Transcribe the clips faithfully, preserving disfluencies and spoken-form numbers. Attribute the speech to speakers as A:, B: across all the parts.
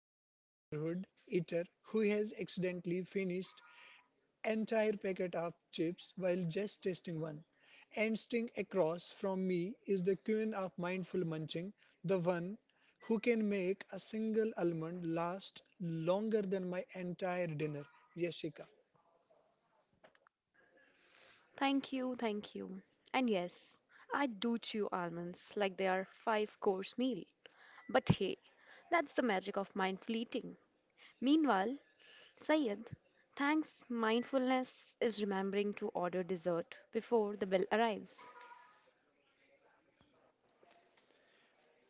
A: friendly neighborhood eater who has accidentally finished entire packet of chips while just tasting one. And sitting across from me is the queen of mindful munching, the one who can make a single almond last longer than my entire dinner, Yashika.
B: Thank you, thank you. And yes, I do chew almonds like they are five course meal. But hey, that's the magic of mindful eating. Meanwhile, Sayed, thanks mindfulness is remembering to order dessert before the bill arrives.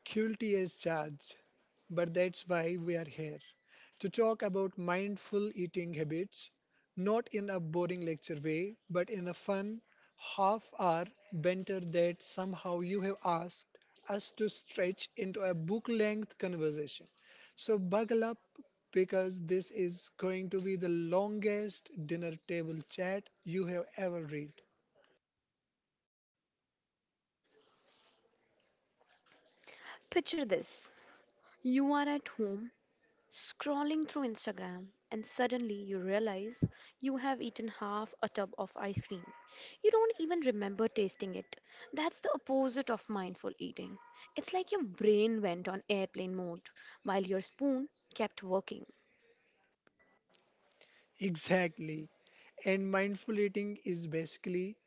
A: Cruelty is charged, but that's why we are here to talk about mindful eating habits, not in a boring lecture way, but in a fun, half hour banter that somehow you have asked us to stretch into a book length conversation. So, buckle up because this is going to be the longest dinner table chat you have ever read.
B: Picture this. You are at home scrolling through Instagram, and suddenly you realize you have eaten half a tub of ice cream. You don't even remember tasting it. That's the opposite of mindful eating. It's like your brain went on airplane mode while your spoon kept working.
A: Exactly. And mindful eating is basically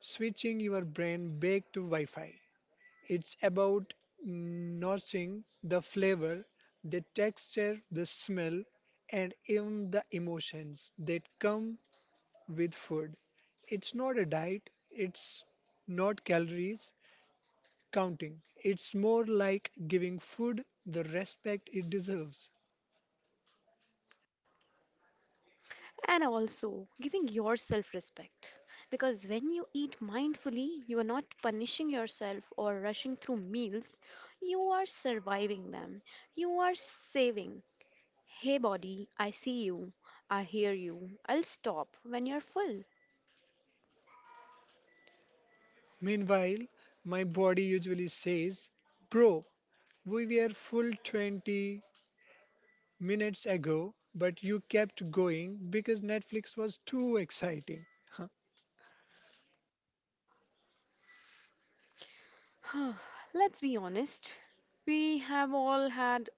A: switching your brain back to Wi Fi. It's about noticing the flavor, the texture, the smell, and even the emotions that come with food. It's not a diet, it's not calories counting. It's more like giving food the respect it deserves.
B: And also giving yourself respect. Because when you eat mindfully, you are not punishing yourself or rushing through meals, you are surviving them. You are saving. Hey body, I see you. I hear you. I'll stop when you're full.
A: Meanwhile, my body usually says, "Bro, we were full twenty minutes ago, but you kept going because Netflix was too exciting." Huh.
B: Let's be honest. We have all had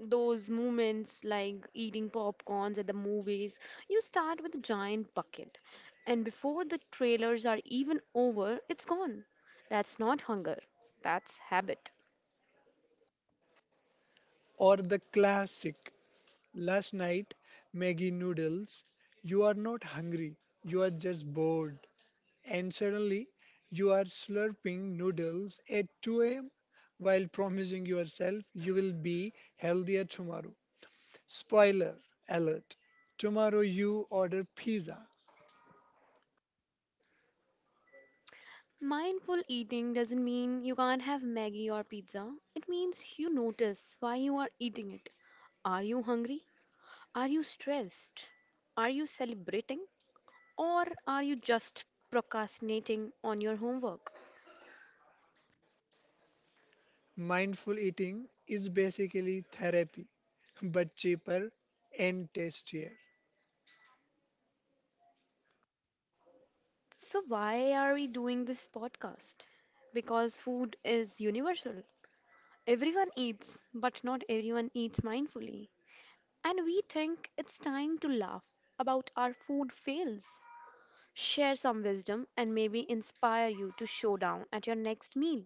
B: those moments like eating popcorns at the movies. You start with a giant bucket, and before the trailers are even over, it's gone. That's not hunger, that's habit.
A: Or the classic last night Maggie noodles. You are not hungry, you are just bored. And suddenly you are slurping noodles at two a m while promising yourself you will be healthier tomorrow. Spoiler alert, tomorrow you order pizza.
B: Mindful eating doesn't mean you can't have Maggie or pizza. It means you notice why you are eating it. Are you hungry? Are you stressed? Are you celebrating? Or are you just procrastinating on your homework?
A: Mindful eating is basically therapy, but cheaper and tastier.
B: So, why are we doing this podcast? Because food is universal. Everyone eats, but not everyone eats mindfully. And we think it's time to laugh about our food fails, share some wisdom, and maybe inspire you to show down at your next meal.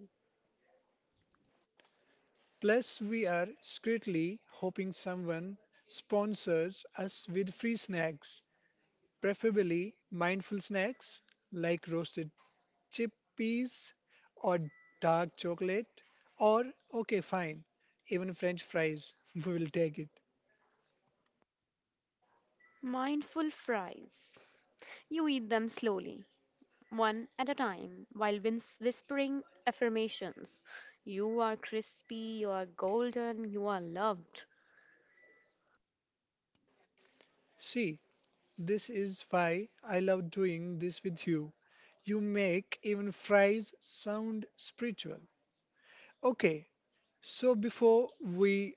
A: Plus, we are secretly hoping someone sponsors us with free snacks, preferably mindful snacks like roasted chickpeas or dark chocolate, or okay, fine, even French fries. We will take it.
B: Mindful fries. You eat them slowly, one at a time, while whins- whispering affirmations. You are crispy, you are golden, you are loved.
A: See, this is why I love doing this with you. You make even fries sound spiritual. Okay, so before we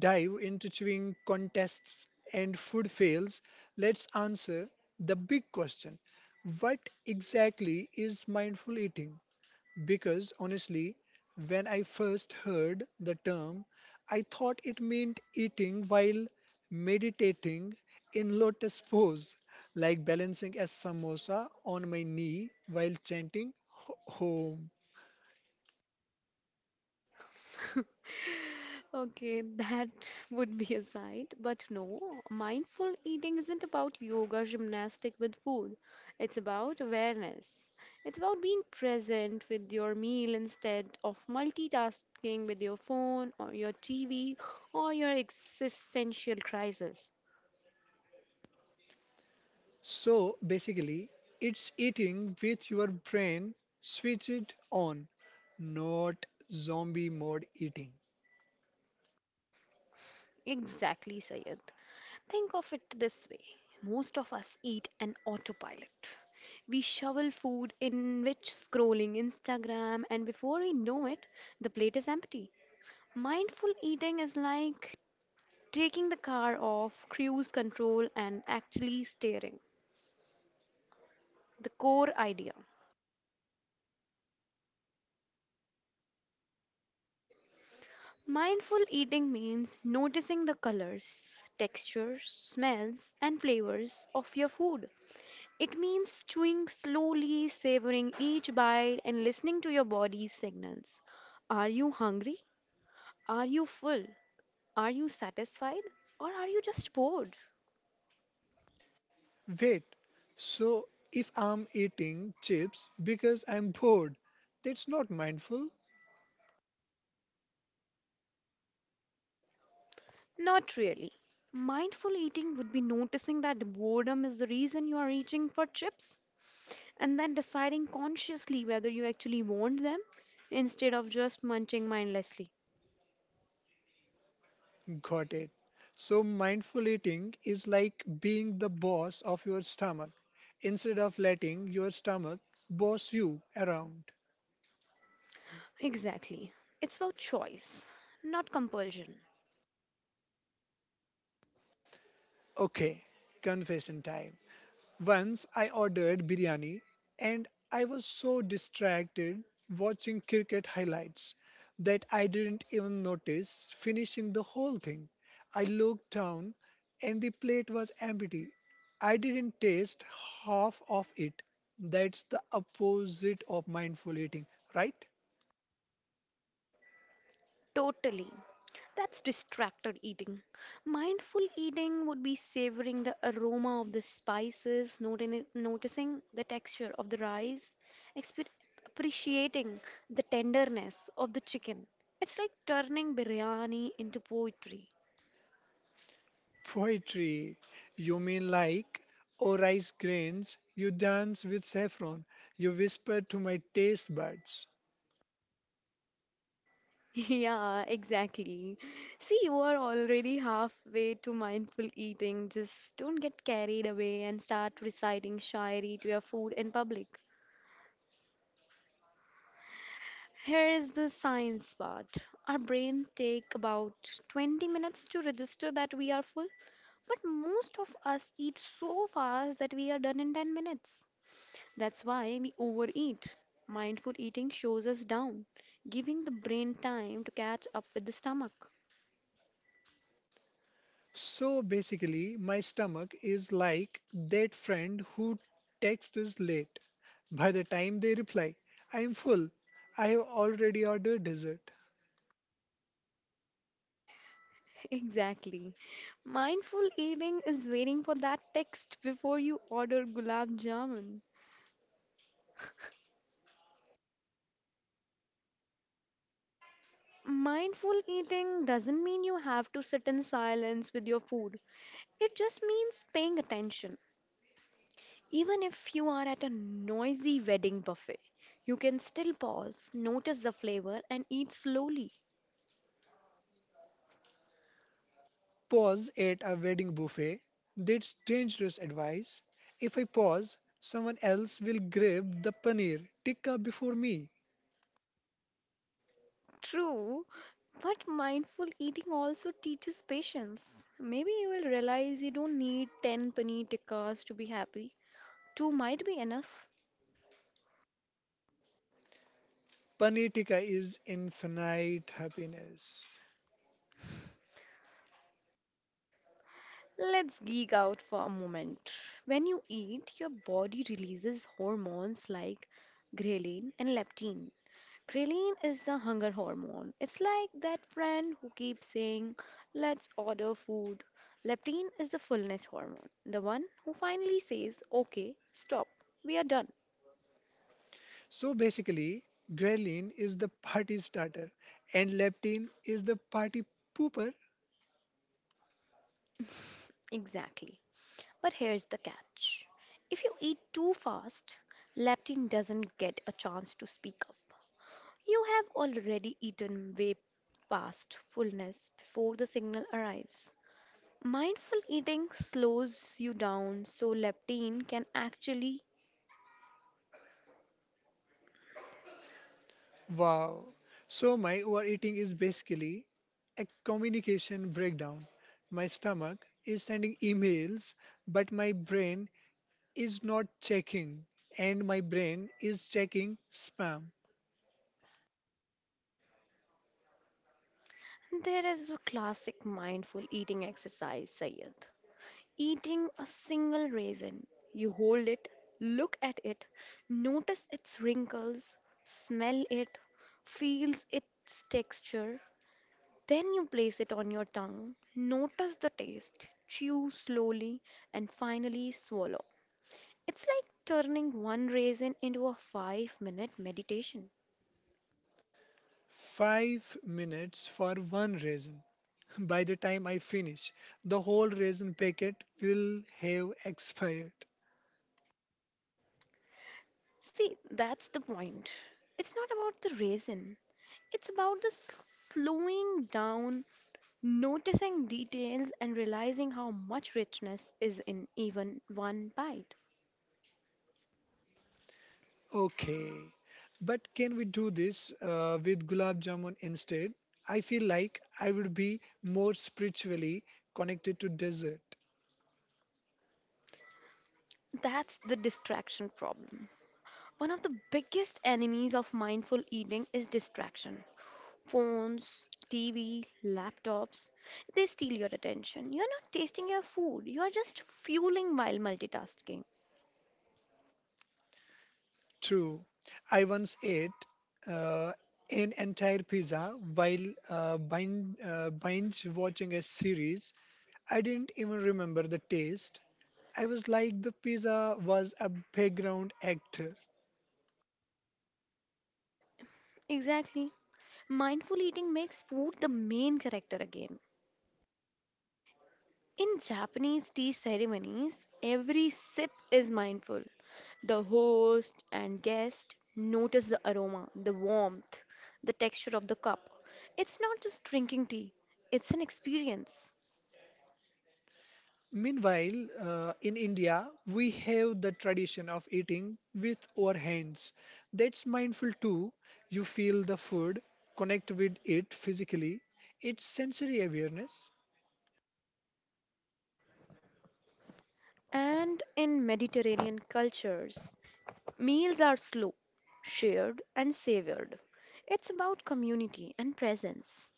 A: dive into chewing contests and food fails, let's answer the big question: what exactly is mindful eating? Because honestly, when I first heard the term, I thought it meant eating while meditating in lotus pose, like balancing a samosa on my knee while chanting "Ho- home.
B: Okay, that would be a sight, but no, mindful eating isn't about yoga gymnastic with food. It's about awareness. It's about being present with your meal instead of multitasking with your phone or your T V or your existential crisis.
A: So basically, it's eating with your brain switched on, not zombie mode eating.
B: Exactly, Sayed. Think of it this way most of us eat an autopilot. We shovel food in which scrolling Instagram, and before we know it, the plate is empty. Mindful eating is like taking the car off cruise control and actually steering. The core idea. Mindful eating means noticing the colors, textures, smells, and flavors of your food. It means chewing slowly, savoring each bite, and listening to your body's signals. Are you hungry? Are you full? Are you satisfied? Or are you just bored?
A: Wait, so if I'm eating chips because I'm bored, that's not mindful.
B: Not really. Mindful eating would be noticing that boredom is the reason you are reaching for chips and then deciding consciously whether you actually want them instead of just munching mindlessly.
A: Got it. So, mindful eating is like being the boss of your stomach instead of letting your stomach boss you around.
B: Exactly. It's about choice, not compulsion.
A: Okay, confession time. Once I ordered biryani and I was so distracted watching cricket highlights that I didn't even notice finishing the whole thing. I looked down and the plate was empty. I didn't taste half of it. That's the opposite of mindful eating, right?
B: Totally. That's distracted eating. Mindful eating would be savoring the aroma of the spices, noti- noticing the texture of the rice, expe- appreciating the tenderness of the chicken. It's like turning biryani into poetry.
A: Poetry. You mean like, "Oh rice grains, you dance with saffron, you whisper to my taste buds."
B: Yeah, exactly. See, you are already halfway to mindful eating. Just don't get carried away and start reciting shairi to your food in public. Here is the science part. Our brains take about twenty minutes to register that we are full, but most of us eat so fast that we are done in ten minutes. That's why we overeat. Mindful eating shows us down, giving the brain time to catch up with the stomach.
A: So basically, my stomach is like that friend who texts is late. By the time they reply, I am full. I have already ordered dessert.
B: Exactly. Mindful eating is waiting for that text before you order gulab jamun. Mindful eating doesn't mean you have to sit in silence with your food. It just means paying attention. Even if you are at a noisy wedding buffet, you can still pause, notice the flavor, and eat slowly.
A: Pause at a wedding buffet. That's dangerous advice. If I pause, someone else will grab the paneer tikka before me.
B: True, but mindful eating also teaches patience. Maybe you will realize you don't need ten paneer tikkas to be happy. Two might be enough.
A: Paneer tikka is infinite happiness.
B: Let's geek out for a moment. When you eat, your body releases hormones like ghrelin and leptin. Ghrelin is the hunger hormone. It's like that friend who keeps saying, let's order food. Leptin is the fullness hormone, the one who finally says, okay, stop, we are done.
A: So basically, ghrelin is the party starter and leptin is the party pooper.
B: Exactly. But here's the catch if you eat too fast, leptin doesn't get a chance to speak up. You have already eaten way past fullness before the signal arrives. Mindful eating slows you down so leptin can actually.
A: Wow. So my overeating is basically a communication breakdown. My stomach is sending emails, but my brain is not checking, and my brain is checking spam.
B: There is a classic mindful eating exercise, Sayed. Eating a single raisin, you hold it, look at it, notice its wrinkles, smell it, feels its texture, then you place it on your tongue. Notice the taste. Chew slowly and finally swallow. It's like turning one raisin into a five minute meditation.
A: Five minutes for one raisin. By the time I finish, the whole raisin packet will have expired.
B: See, that's the point. It's not about the raisin, it's about the s- slowing down, noticing details, and realizing how much richness is in even one bite.
A: Okay, but can we do this uh, with gulab jamun instead? I feel like I would be more spiritually connected to dessert.
B: That's the distraction problem. One of the biggest enemies of mindful eating is distraction. Phones, T V, laptops, they steal your attention. You're not tasting your food, you're just fueling while multitasking.
A: True, I once ate uh, an entire pizza while uh, binge, uh, binge watching a series. I didn't even remember the taste. I was like the pizza was a background act.
B: Exactly. Mindful eating makes food the main character again. In Japanese tea ceremonies, every sip is mindful. The host and guest notice the aroma, the warmth, the texture of the cup. It's not just drinking tea, it's an experience.
A: Meanwhile, uh, in India, we have the tradition of eating with our hands. That's mindful too. You feel the food, connect with it physically. It's sensory awareness.
B: And in Mediterranean cultures, meals are slow, shared, and savored. It's about community and presence.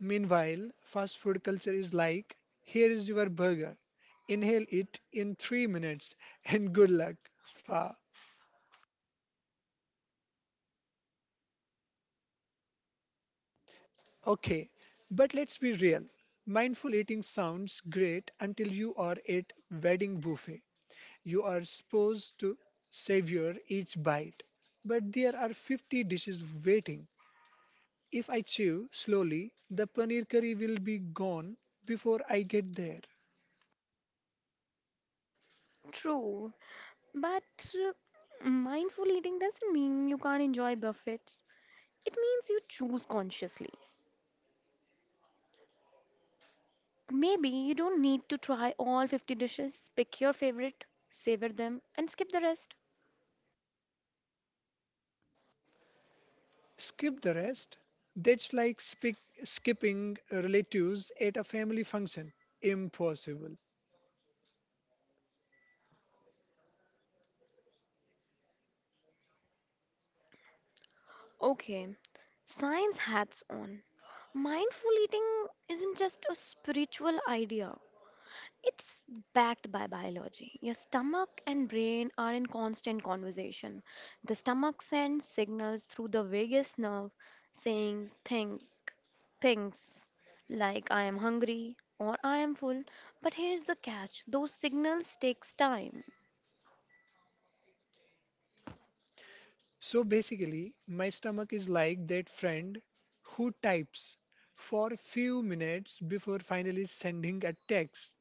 A: Meanwhile, fast food culture is like, "Here is your burger. Inhale it in three minutes and good luck." Fa. Okay, but let's be real. Mindful eating sounds great until you are at wedding buffet. You are supposed to savor each bite, but there are fifty dishes waiting. If I chew slowly, the paneer curry will be gone before I get there.
B: True, but uh, mindful eating doesn't mean you can't enjoy buffets. It means you choose consciously. Maybe you don't need to try all fifty dishes, pick your favorite, savor them, and skip the rest.
A: Skip the rest. That's like spi- skipping relatives at a family function. Impossible.
B: Okay, science hats on. Mindful eating isn't just a spiritual idea, it's backed by biology. Your stomach and brain are in constant conversation. The stomach sends signals through the vagus nerve saying think things like I am hungry or I am full. But here's the catch. Those signals takes time.
A: So basically, my stomach is like that friend who types for a few minutes before finally sending a text.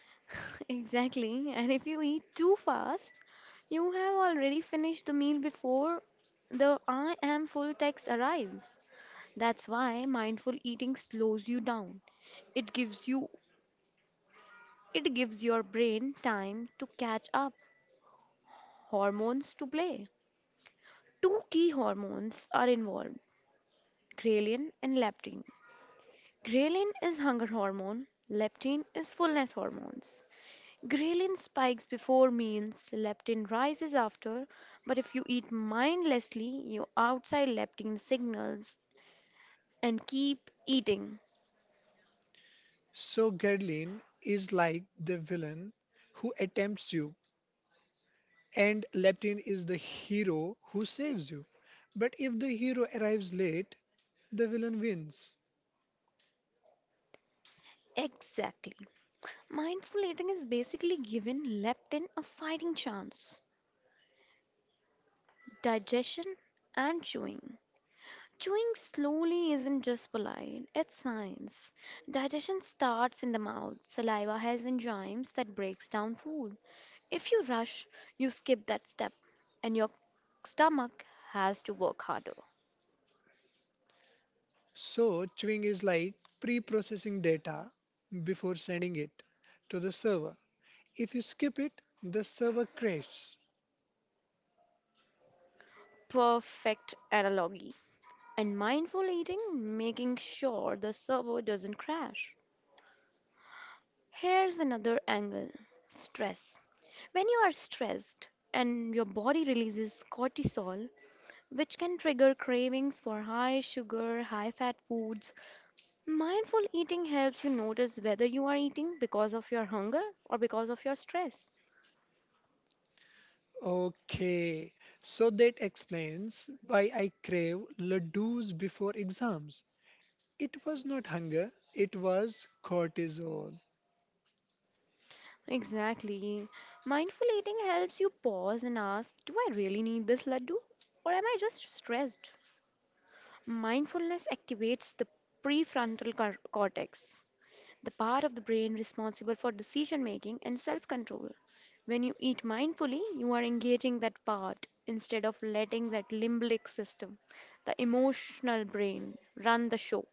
B: Exactly. And if you eat too fast, you have already finished the meal before the I am full text arrives. That's why mindful eating slows you down. It gives you it gives your brain time to catch up, hormones to play. Two key hormones are involved, ghrelin and leptin. Ghrelin is hunger hormone, leptin is fullness hormones. Ghrelin spikes before meals, leptin rises after, but if you eat mindlessly, you outside leptin signals and keep eating.
A: So Gerlin is like the villain who attempts you, and Leptin is the hero who saves you. But if the hero arrives late, the villain wins.
B: Exactly. Mindful eating is basically giving leptin a fighting chance. Digestion and chewing. Chewing slowly isn't just polite, it's science. Digestion starts in the mouth. Saliva has enzymes that breaks down food. If you rush, you skip that step and your stomach has to work harder.
A: So chewing is like pre-processing data before sending it to the server. If you skip it, the server crashes.
B: Perfect analogy. And mindful eating, making sure the server doesn't crash. Here's another angle stress. When you are stressed and your body releases cortisol, which can trigger cravings for high sugar, high fat foods, mindful eating helps you notice whether you are eating because of your hunger or because of your stress.
A: Okay, so that explains why I crave ladoos before exams. It was not hunger, it was cortisol.
B: Exactly. Mindful eating helps you pause and ask, do I really need this laddu? Or am I just stressed? Mindfulness activates the prefrontal cor- cortex, the part of the brain responsible for decision making and self control. When you eat mindfully, you are engaging that part instead of letting that limbic system, the emotional brain, run the show.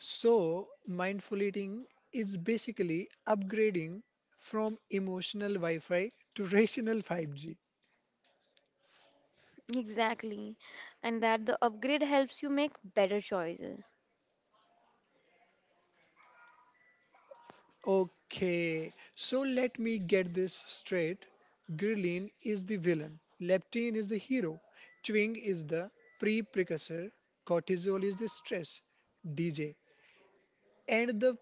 A: So, mindful eating is basically upgrading from emotional Wi Fi to rational five G.
B: Exactly. And that the upgrade helps you make better choices.
A: Okay, so let me get this straight. Ghrelin is the villain, leptin is the hero, twing is the pre precursor, cortisol is the stress D J, and the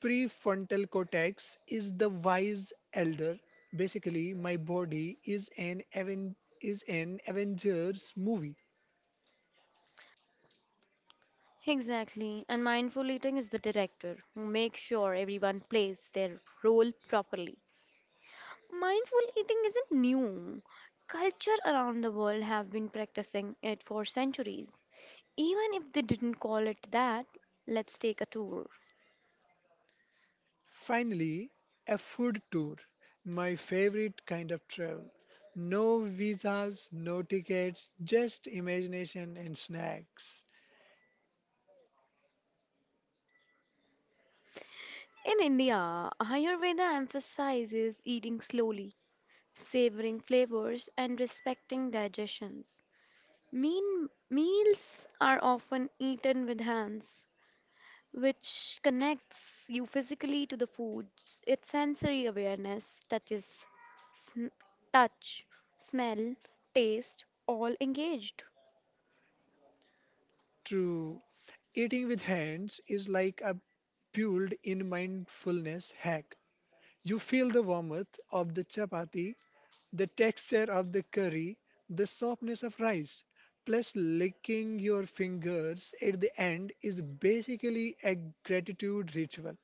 A: prefrontal cortex is the wise elder. Basically, my body is an aven- is an Avengers movie.
B: Exactly. And mindful eating is the director who makes sure everyone plays their role properly. Mindful eating isn't new. Culture around the world have been practicing it for centuries. Even if they didn't call it that, let's take a tour.
A: Finally, a food tour, my favorite kind of travel. No visas, no tickets, just imagination and snacks.
B: In India, Ayurveda emphasizes eating slowly, savoring flavors, and respecting digestions. Mean meals are often eaten with hands, which connects you physically to the foods. It's sensory awareness, touches, sn- touch, smell, taste, all engaged.
A: True, eating with hands is like a built in mindfulness hack. You feel the warmth of the chapati, the texture of the curry, the softness of rice. Plus, licking your fingers at the end is basically a gratitude ritual.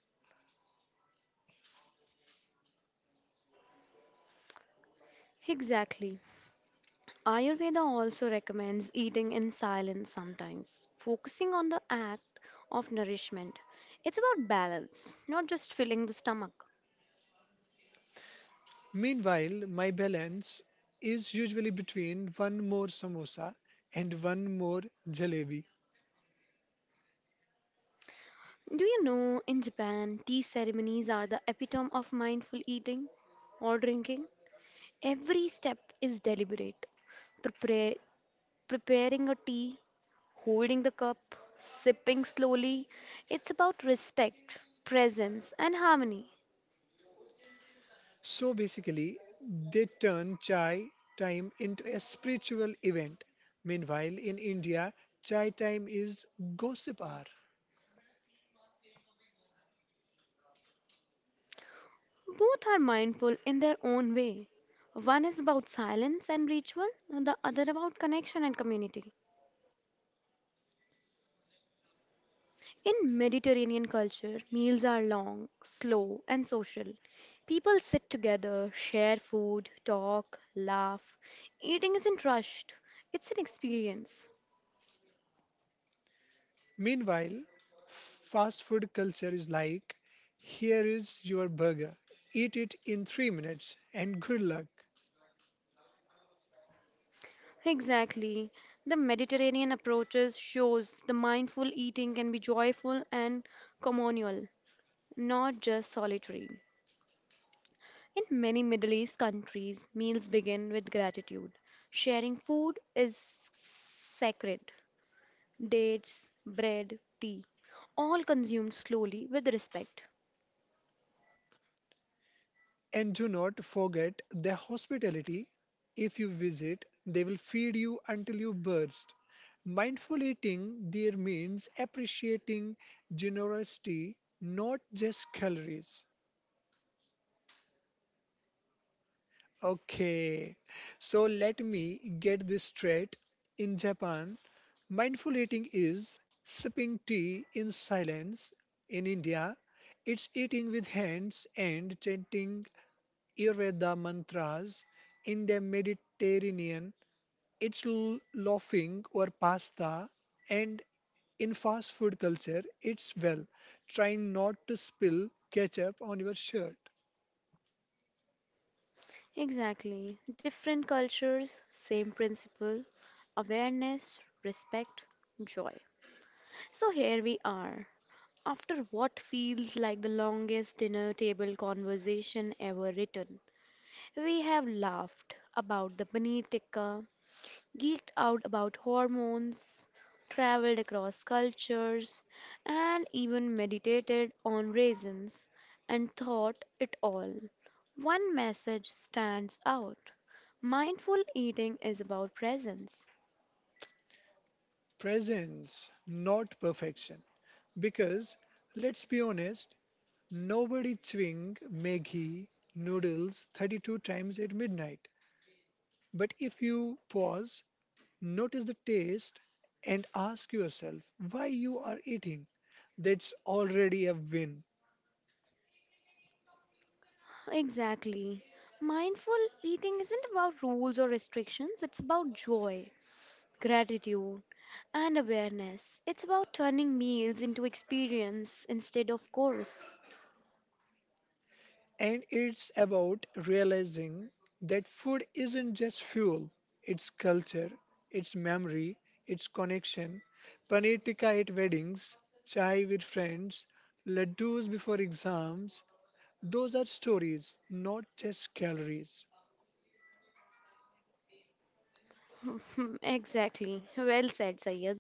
B: Exactly. Ayurveda also recommends eating in silence sometimes, focusing on the act of nourishment. It's about balance, not just filling the stomach.
A: Meanwhile, my balance is usually between one more samosa and one more jalebi.
B: Do you know in Japan, tea ceremonies are the epitome of mindful eating or drinking? Every step is deliberate. Prepare, preparing a tea, holding the cup, sipping slowly. It's about respect, presence, and harmony.
A: So basically, they turn chai time into a spiritual event. Meanwhile, in India, chai time is gossip hour.
B: Both are mindful in their own way. One is about silence and ritual, and the other about connection and community. In Mediterranean culture, meals are long, slow, and social. People sit together, share food, talk, laugh. Eating isn't rushed, it's an experience.
A: Meanwhile, fast food culture is like, "Here is your burger, eat it in three minutes, and good luck."
B: Exactly. The Mediterranean approaches shows the mindful eating can be joyful and communal, not just solitary. In many Middle East countries, meals begin with gratitude. Sharing food is sacred. Dates, bread, tea, all consumed slowly with respect.
A: And do not forget their hospitality. If you visit, they will feed you until you burst. Mindful eating there means appreciating generosity, not just calories. Okay, so let me get this straight. In Japan, mindful eating is sipping tea in silence. In India, it's eating with hands and chanting Ayurveda mantras. In the Mediterranean, it's l- laughing or pasta, and in fast food culture, it's, well, trying not to spill ketchup on your shirt.
B: Exactly. Different cultures, same principle awareness, respect, joy. So here we are, after what feels like the longest dinner table conversation ever written, we have laughed about the paneer tikka, geeked out about hormones, traveled across cultures, and even meditated on raisins and thought it all. One message stands out. Mindful eating is about presence.
A: Presence, not perfection. Because, let's be honest, nobody chewing Maggi noodles thirty-two times at midnight. But if you pause, notice the taste, and ask yourself why you are eating, that's already a win.
B: Exactly. Mindful eating isn't about rules or restrictions, it's about joy, gratitude, and awareness. It's about turning meals into experience instead of course.
A: And it's about realizing that food isn't just fuel, it's culture, it's memory, it's connection. Paneer tikka at weddings, chai with friends, laddus before exams, those are stories, not just calories.
B: Exactly. Well said, Sayed.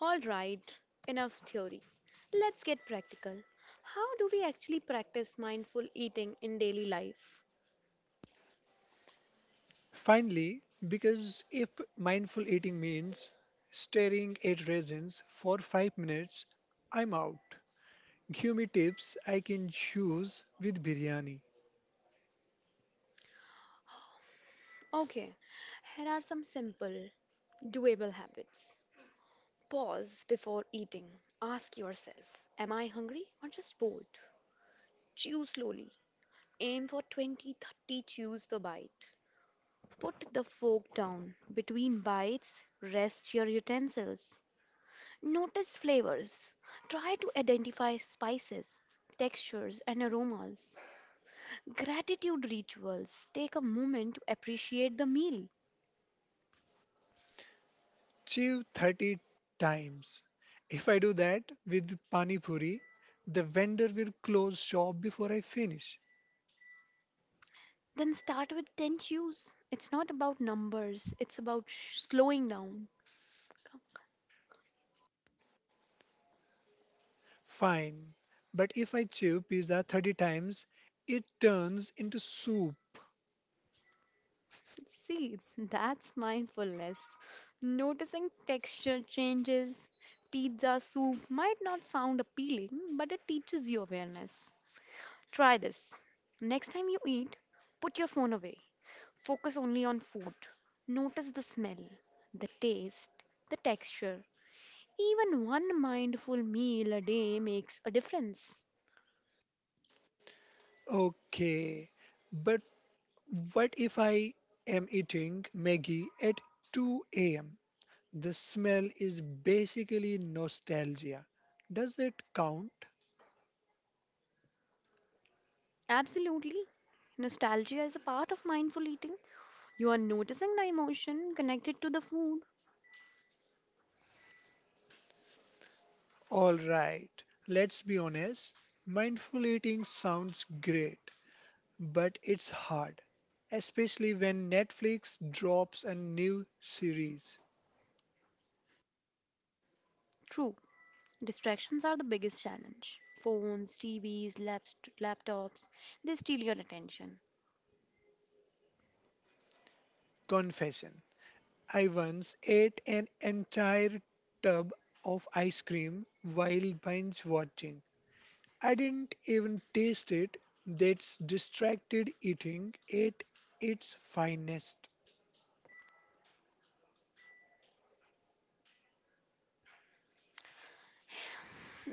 B: All right, enough theory. Let's get practical. How do we actually practice mindful eating in daily life?
A: Finally, because if mindful eating means staring at raisins for five minutes, I'm out. Give me tips I can use with biryani.
B: Okay, here are some simple, doable habits. Pause before eating. Ask yourself, am I hungry or just bored? Chew slowly. Aim for twenty, thirty chews per bite. Put the fork down. Between bites, rest your utensils. Notice flavors. Try to identify spices, textures, and aromas. Gratitude rituals. Take a moment to appreciate the meal.
A: Chew thirty times. If I do that with pani puri, the vendor will close shop before I finish.
B: Then start with ten chews. It's not about numbers, it's about sh- slowing down.
A: Fine. But if I chew pizza thirty times, it turns into soup.
B: See, that's mindfulness. Noticing texture changes. Pizza soup might not sound appealing, but it teaches you awareness. Try this. Next time you eat, put your phone away. Focus only on food. Notice the smell, the taste, the texture. Even one mindful meal a day makes a difference.
A: Okay. But what if I am eating Maggie at two a m? The smell is basically nostalgia. Does that count?
B: Absolutely. Nostalgia is a part of mindful eating. You are noticing the emotion connected to the food.
A: Alright, let's be honest. Mindful eating sounds great, but it's hard, especially when Netflix drops a new series.
B: True, distractions are the biggest challenge. Phones, T Vs, laps- laptops, they steal your attention.
A: Confession: I once ate an entire tub of ice cream while binge watching. I didn't even taste it. That's distracted eating at its finest.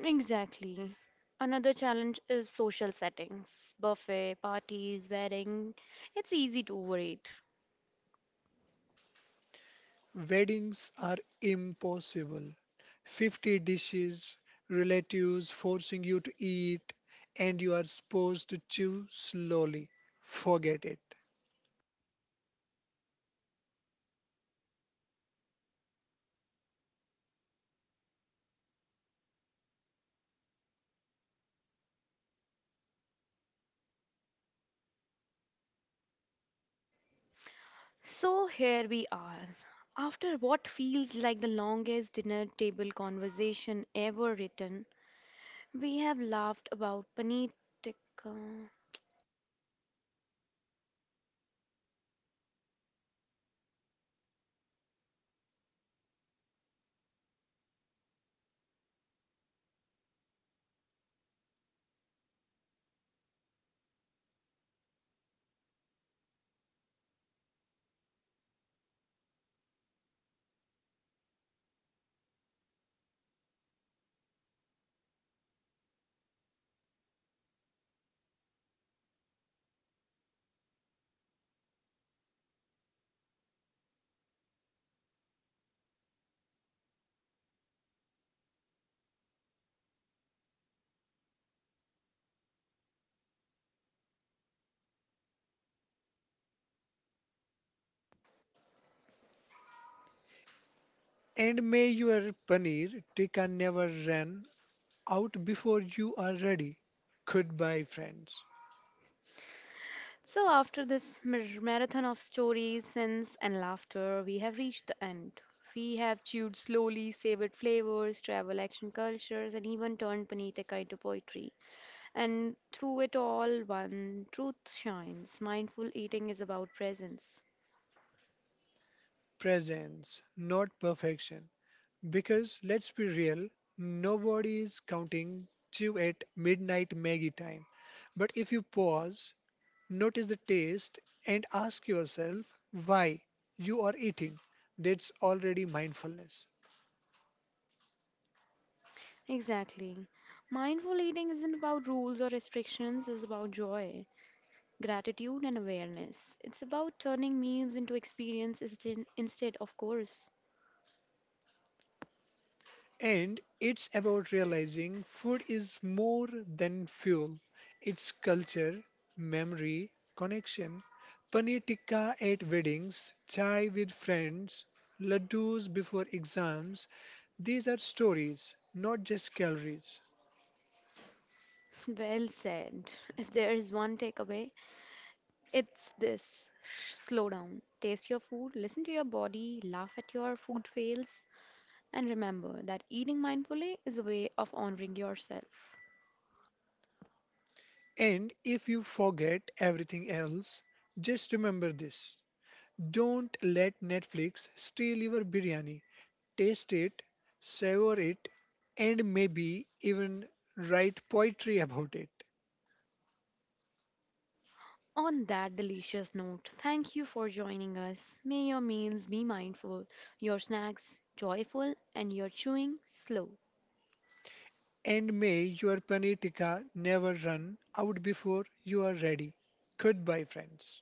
B: Exactly. Another challenge is social settings, buffet, parties, wedding. It's easy to overeat.
A: Weddings are impossible. fifty dishes, relatives forcing you to eat, and you are supposed to chew slowly. Forget it.
B: So here we are. After what feels like the longest dinner table conversation ever written, we have laughed about paneer tikka.
A: And may your paneer tikka never run out before you are ready. Goodbye, friends.
B: So after this mar- marathon of stories, sins, and laughter, we have reached the end. We have chewed slowly, savored flavors, travel, action, cultures, and even turned paneer tikka into poetry. And through it all, one truth shines. Mindful eating is about presence.
A: Presence, not perfection. Because let's be real, nobody is counting chew at midnight Maggie time. But if you pause, notice the taste and ask yourself why you are eating. That's already mindfulness.
B: Exactly. Mindful eating isn't about rules or restrictions, it's about joy, gratitude, and awareness. It's about turning meals into experiences, instead, instead of course.
A: And it's about realizing food is more than fuel. It's culture, memory, connection. Paneer tikka at weddings, chai with friends, laddus before exams. These are stories, not just calories.
B: Well said. If there is one takeaway, it's this. Slow down, taste your food, listen to your body, laugh at your food fails, and remember that eating mindfully is a way of honoring yourself.
A: And if you forget everything else, just remember this: don't let Netflix steal your biryani. Taste it, savor it, and maybe even write poetry about it.
B: On that delicious note, thank you for joining us. May your meals be mindful, your snacks joyful, and your chewing slow.
A: And may your paneer tikka never run out before you are ready. Goodbye, friends.